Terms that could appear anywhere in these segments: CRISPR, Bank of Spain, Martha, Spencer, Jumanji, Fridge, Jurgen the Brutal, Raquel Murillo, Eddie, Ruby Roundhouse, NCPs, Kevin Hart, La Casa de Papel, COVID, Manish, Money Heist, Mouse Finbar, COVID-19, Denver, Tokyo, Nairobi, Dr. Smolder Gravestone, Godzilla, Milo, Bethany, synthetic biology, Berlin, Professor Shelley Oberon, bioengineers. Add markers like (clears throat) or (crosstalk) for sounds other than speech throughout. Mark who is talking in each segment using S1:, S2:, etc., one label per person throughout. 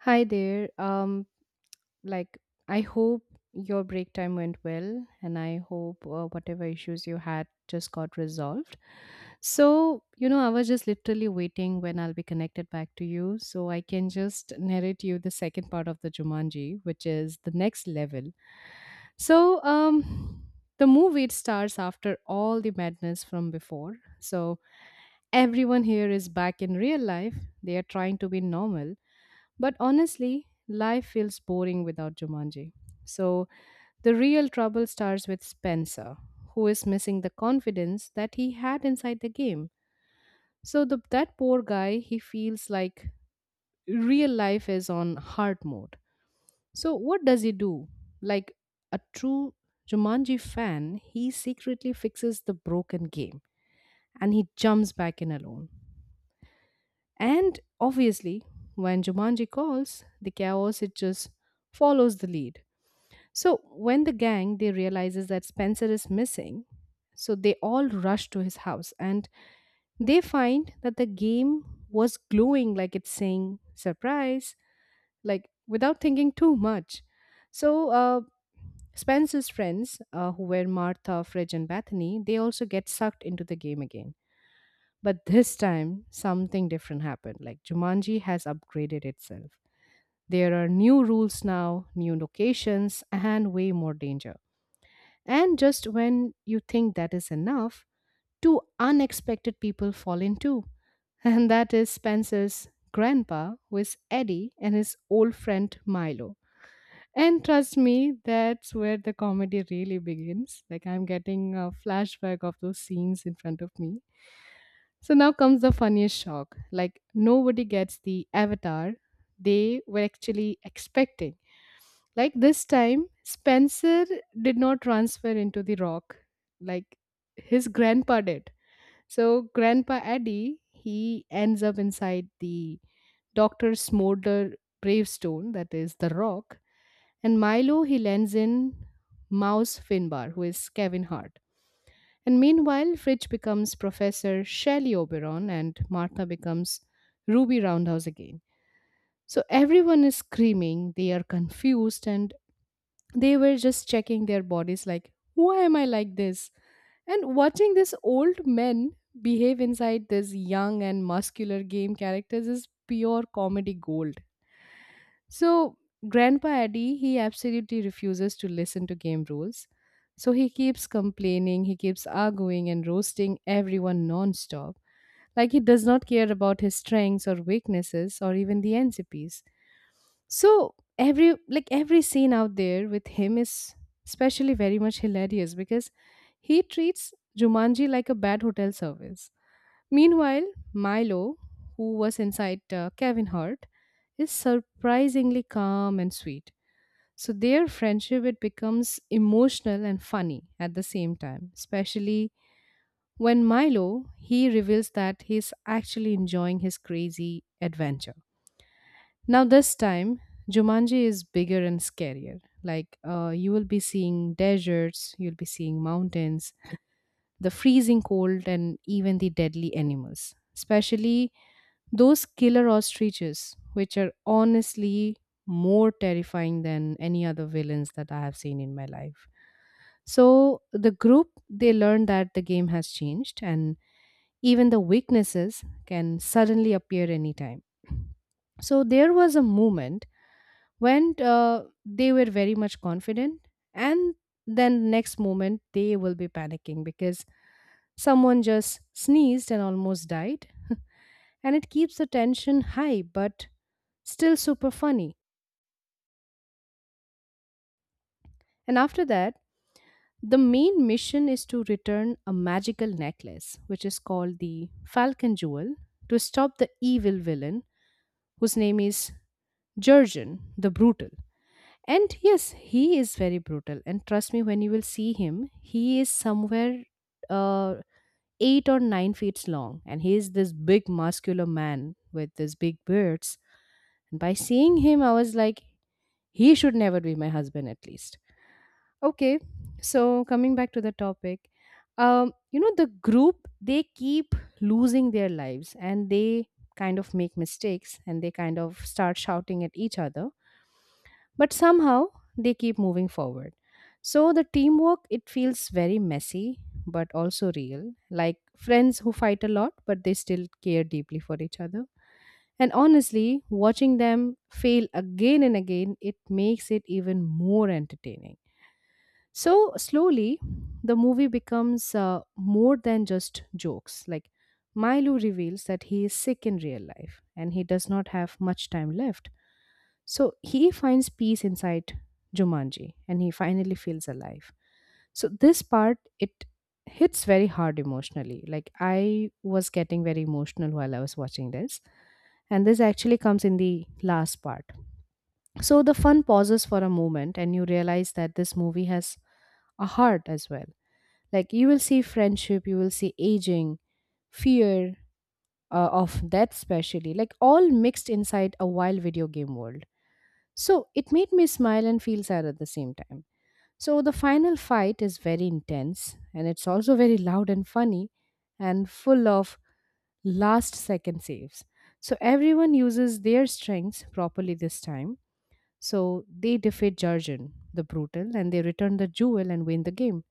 S1: Hi there. Like, I hope your break time went well, and I hope whatever issues you had just got resolved. So, you know, I was just literally waiting when I'll be connected back to you so I can just narrate you the second part of the Jumanji, which is the next level. So, um, the movie it starts after all the madness from before. So, everyone here is back in real life. They are trying to be normal but honestly, life feels boring without Jumanji. So the real trouble starts with Spencer, who is missing the confidence that he had inside the game. So that poor guy, he feels like real life is on hard mode. So what does he do? Like a true Jumanji fan, he secretly fixes the broken game and he jumps back in alone. And obviously, when Jumanji calls, the chaos it just follows the lead. So when the gang they realizes that Spencer is missing, so they all rush to his house and they find that the game was glowing like it's saying surprise, like without thinking too much. So uh, Spencer's friends, who were Martha, Fridge, and Bethany, they also get sucked into the game again. But this time, something different happened. Like Jumanji has upgraded itself. There are new rules now, new locations, and way more danger. And just when you think that is enough, two unexpected people fall in too. (laughs) And that is Spencer's grandpa, who is Eddie, and his old friend Milo. And trust me, that's where the comedy really begins. Like, I'm getting a flashback of those scenes in front of me. So now comes the funniest shock. Like, nobody gets the avatar they were actually expecting. Like this time, Spencer did not transfer into the rock like his grandpa did. So, Grandpa Eddie, he ends up inside the Dr. Smolder gravestone, that is the rock, and Milo, he lands in Mouse Finbar, who is Kevin Hart. And meanwhile, Fridge becomes Professor Shelley Oberon and Martha becomes Ruby Roundhouse again. So everyone is screaming, they are confused, and they were just checking their bodies, like, why am I like this? And watching this old men behave inside this young and muscular game characters is pure comedy gold. So, Grandpa Eddie, he absolutely refuses to listen to game rules. So, he keeps complaining, he keeps arguing and roasting everyone non stop. Like, he does not care about his strengths or weaknesses or even the NCPs. So every like every scene out there with him is especially very much hilarious because he treats Jumanji like a bad hotel service. Meanwhile, Milo, who was inside Kevin Hart, is surprisingly calm and sweet. So their friendship it becomes emotional and funny at the same time, especially when Milo he reveals that he's actually enjoying his crazy adventure. Now, this time, Jumanji is bigger and scarier. Like, you will be seeing deserts, you'll be seeing mountains, the freezing cold, and even the deadly animals, especially those killer ostriches, which are honestly more terrifying than any other villains that I have seen in my life. So, the group they learn that the game has changed, and even the weaknesses can suddenly appear anytime. So there was a moment went they were very much confident and then next moment they will be panicking because someone just sneezed and almost died. (laughs) And it keeps the tension high but still super funny. And after that, the main mission is to return a magical necklace which is called the falcon jewel to stop the evil villain whose name is Jurgen the Brutal. And yes, he is very brutal. And trust me, when you will see him, he is somewhere uh, 8 or 9 feet long. And he is this big, muscular man with these big beards. And by seeing him, I was like, he should never be my husband, at least. Okay, so coming back to the topic, you know, the group, they keep losing their lives and they kind of make mistakes and they kind of start shouting at each other but somehow they keep moving forward. So the teamwork it feels very messy but also real, like friends who fight a lot but they still care deeply for each other. And honestly watching them fail again and again it makes it even more entertaining. So slowly the movie becomes more than just jokes. Like Milo reveals that he is sick in real life and he does not have much time left, so he finds peace inside Jumanji and he finally feels alive. So this part it hits very hard emotionally. Like I was getting very emotional while I was watching this. And this actually comes in the last part. So the fun pauses for a moment and you realize that this movie has a heart as well. Like you will see friendship, you will see aging, fear of death, especially, like all mixed inside a wild video game world. So it made me smile and feel sad at the same time. So the final fight is very intense and it's also very loud and funny and full of last second saves. So everyone uses their strengths properly this time. So they defeat Jarjan, the brutal, and they return the jewel and win the game.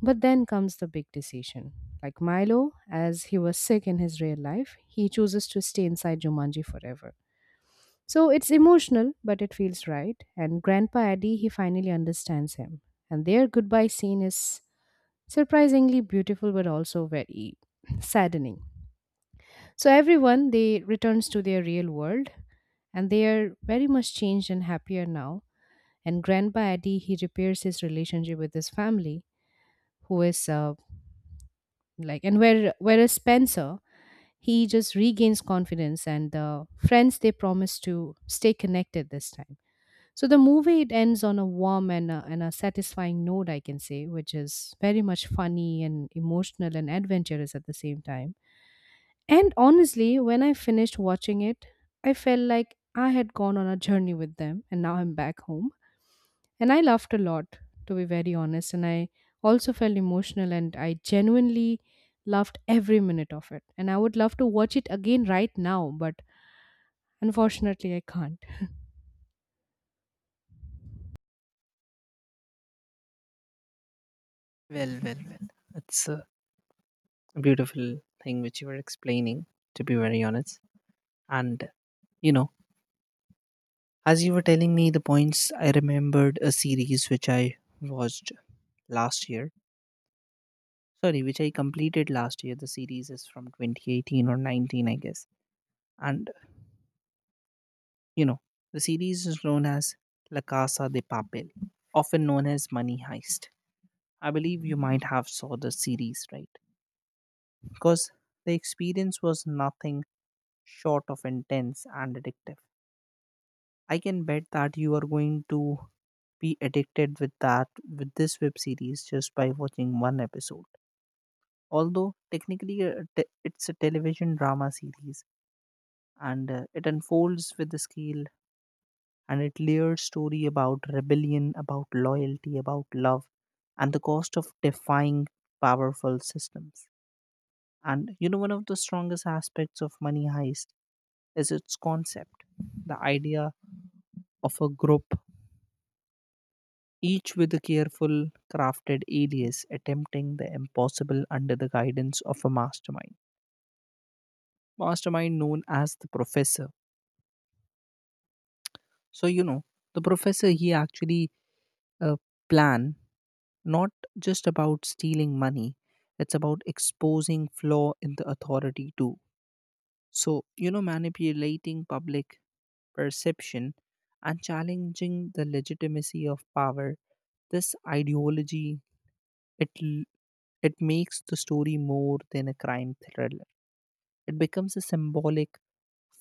S1: But then comes the big decision. Like Milo, as he was sick in his real life, he chooses to stay inside Jumanji forever. So it's emotional, but it feels right. And Grandpa Eddie, he finally understands him. And their goodbye scene is surprisingly beautiful, but also very (laughs) (clears throat) saddening. So everyone, they returns to their real world and they are very much changed and happier now. And Grandpa Eddie, he repairs his relationship with his family, who is like, and where whereas Spencer, he just regains confidence and the friends they promise to stay connected this time. So the movie it ends on a warm and a satisfying note, I can say, which is very much funny and emotional and adventurous at the same time. And honestly, when I finished watching it, I felt like I had gone on a journey with them and now I'm back home. And I laughed a lot, to be very honest. And I also felt emotional and I genuinely loved every minute of it. And I would love to watch it again right now, but unfortunately, I can't.
S2: Well, well, well. It's a beautiful thing which you were explaining, to be very honest. And, you know, as you were telling me the points, I remembered a series which I watched last year. Sorry, which I completed last year. The series is from 2018 or 19, I guess. And, you know, the series is known as La Casa de Papel, often known as Money Heist. I believe you might have saw the series, right? Because the experience was nothing short of intense and addictive. I can bet that you are going to be addicted with that with this web series just by watching one episode. Although technically it's a television drama series, and it unfolds with the scale and it layered story about rebellion, about loyalty, about love, and the cost of defying powerful systems. And one of the strongest aspects of Money Heist is its concept, the idea of a group, each with a careful crafted alias attempting the impossible under the guidance of a mastermind known as the professor. So the professor, he actually uh, plan, not just about stealing money, it's about exposing flaw in the authority too. So manipulating public perception and challenging the legitimacy of power, this ideology, it It makes the story more than a crime thriller. It becomes a symbolic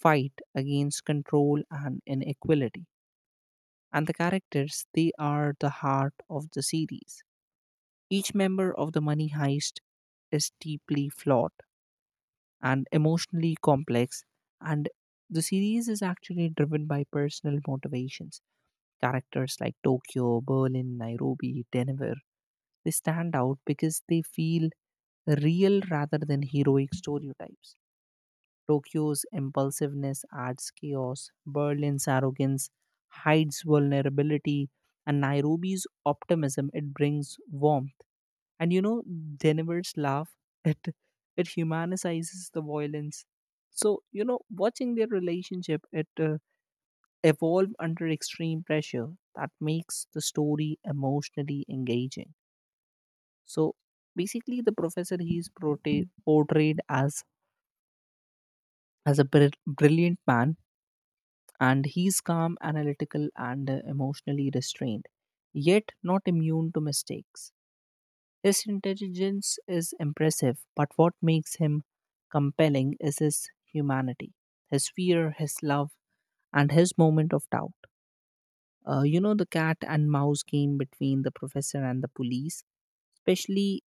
S2: fight against control and inequality. And the characters, they are the heart of the series. Each member of the money heist is deeply flawed and emotionally complex, and the series is actually driven by personal motivations. Characters like Tokyo, Berlin, Nairobi, Denver, they stand out because they feel real rather than heroic stereotypes. Tokyo's impulsiveness adds chaos, Berlin's arrogance hides vulnerability, and Nairobi's optimism, it brings warmth. And Denver's laugh (laughs) it it humanizes the violence. So watching their relationship, it evolve under extreme pressure, that makes the story emotionally engaging. So basically, the professor, he's portrayed as a brilliant man, and he's calm, analytical, and emotionally restrained, yet not immune to mistakes. His intelligence is impressive, but what makes him compelling is his humanity, his fear, his love, and his moment of doubt. The cat and mouse game between the professor and the police, especially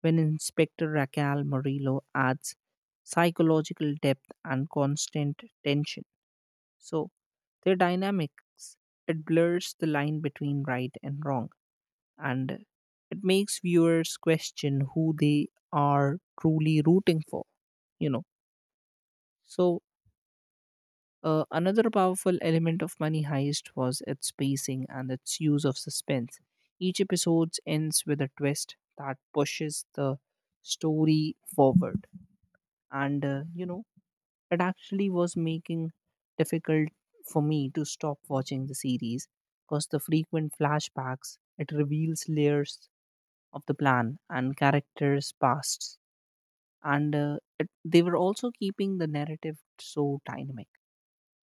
S2: when Inspector Raquel Murillo adds psychological depth and constant tension. So their dynamics, it blurs the line between right and wrong, and it makes viewers question who they are truly rooting for, you know. So another powerful element of Money Heist was its pacing and its use of suspense. Each episode ends with a twist that pushes the story forward, and it actually was making difficult for me to stop watching the series, because the frequent flashbacks, it reveals layers of the plan and characters' pasts, and they were also keeping the narrative so dynamic.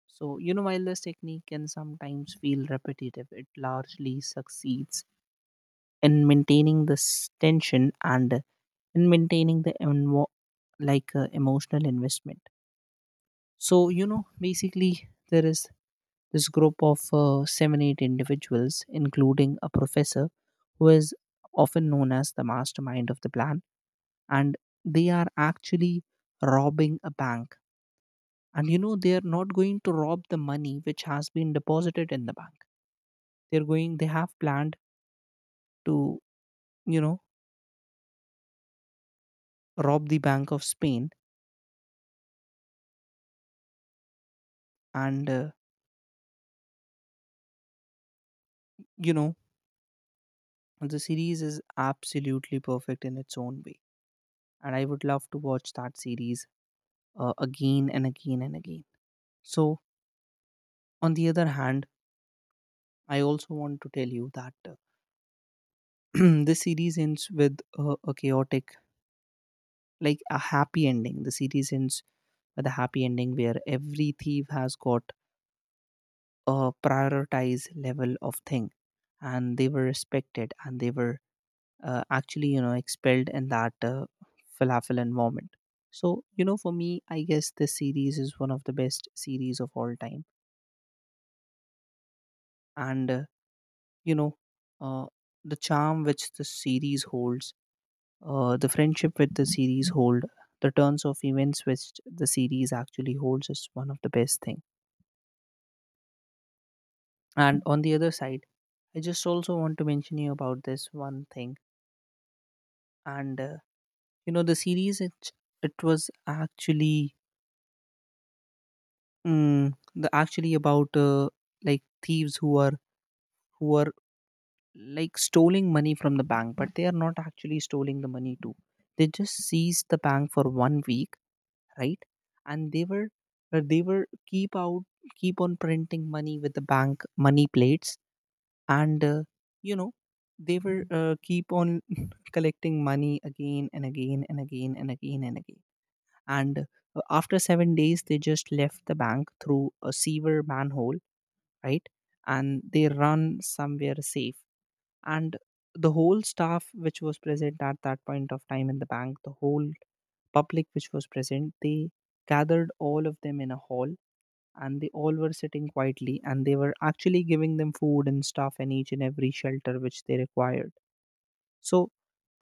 S2: So while this technique can sometimes feel repetitive, it largely succeeds in maintaining this tension and in maintaining the emotional investment. So basically, there is this group of seven, eight individuals, including a professor who is often known as the mastermind of the plan, and they are actually robbing a bank. And they are not going to rob the money which has been deposited in the bank. They're going, they have planned to, you know, rob the Bank of Spain. And, uh, you know, the series is absolutely perfect in its own way. And I would love to watch that series again and again and again. So, on the other hand, I also want to tell you that (clears throat) this series ends with a chaotic, like a happy ending. The series ends with a happy ending where every thief has got a prioritized level of thing, and they were respected, and they were actually, expelled in that falafel environment. So, for me, I guess this series is one of the best series of all time, and you know, uh, the charm which the series holds. The friendship with the series hold, the turns of events which the series actually holds, is one of the best thing. And on the other side, I just also want to mention you about this one thing. And the series, it was actually, the actually about like thieves who are like stealing money from the bank, but they are not actually stealing the money too. They just seize the bank for one week, right? And they were keep on printing money with the bank money plates, and you know they were keep on (laughs) collecting money again and again and again and again and again. And after 7 days, they just left the bank through a sewer manhole, right? And they run somewhere safe, and the whole staff which was present at that point of time in the bank, the whole public which was present, they gathered all of them in a hall, and they all were sitting quietly, and they were actually giving them food and stuff and each and every shelter which they required. So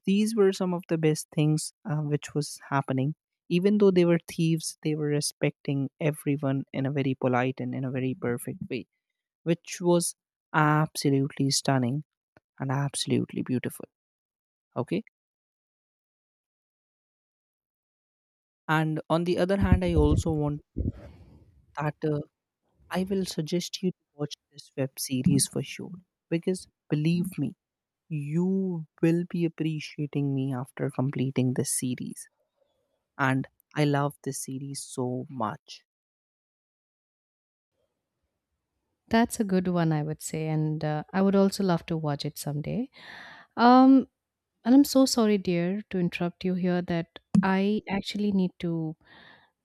S2: these were some of the best things which was happening. Even though they were thieves, they were respecting everyone in a very polite and in a very perfect way, which was absolutely stunning and absolutely beautiful. Okay. And on the other hand, I also want that I will suggest you to watch this web series for sure, because believe me, you will be appreciating me after completing this series. And I love this series so much.
S1: That's a good one, I would say, and I would also love to watch it someday. Um, and I'm so sorry, dear, to interrupt you here. That I actually need to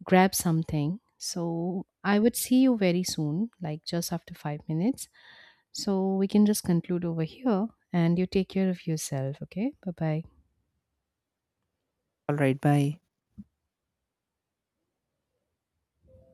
S1: grab something, so I would see you very soon, like just after 5 minutes. So we can just conclude over here, and you take care of yourself. Okay, bye bye.
S2: All right, bye.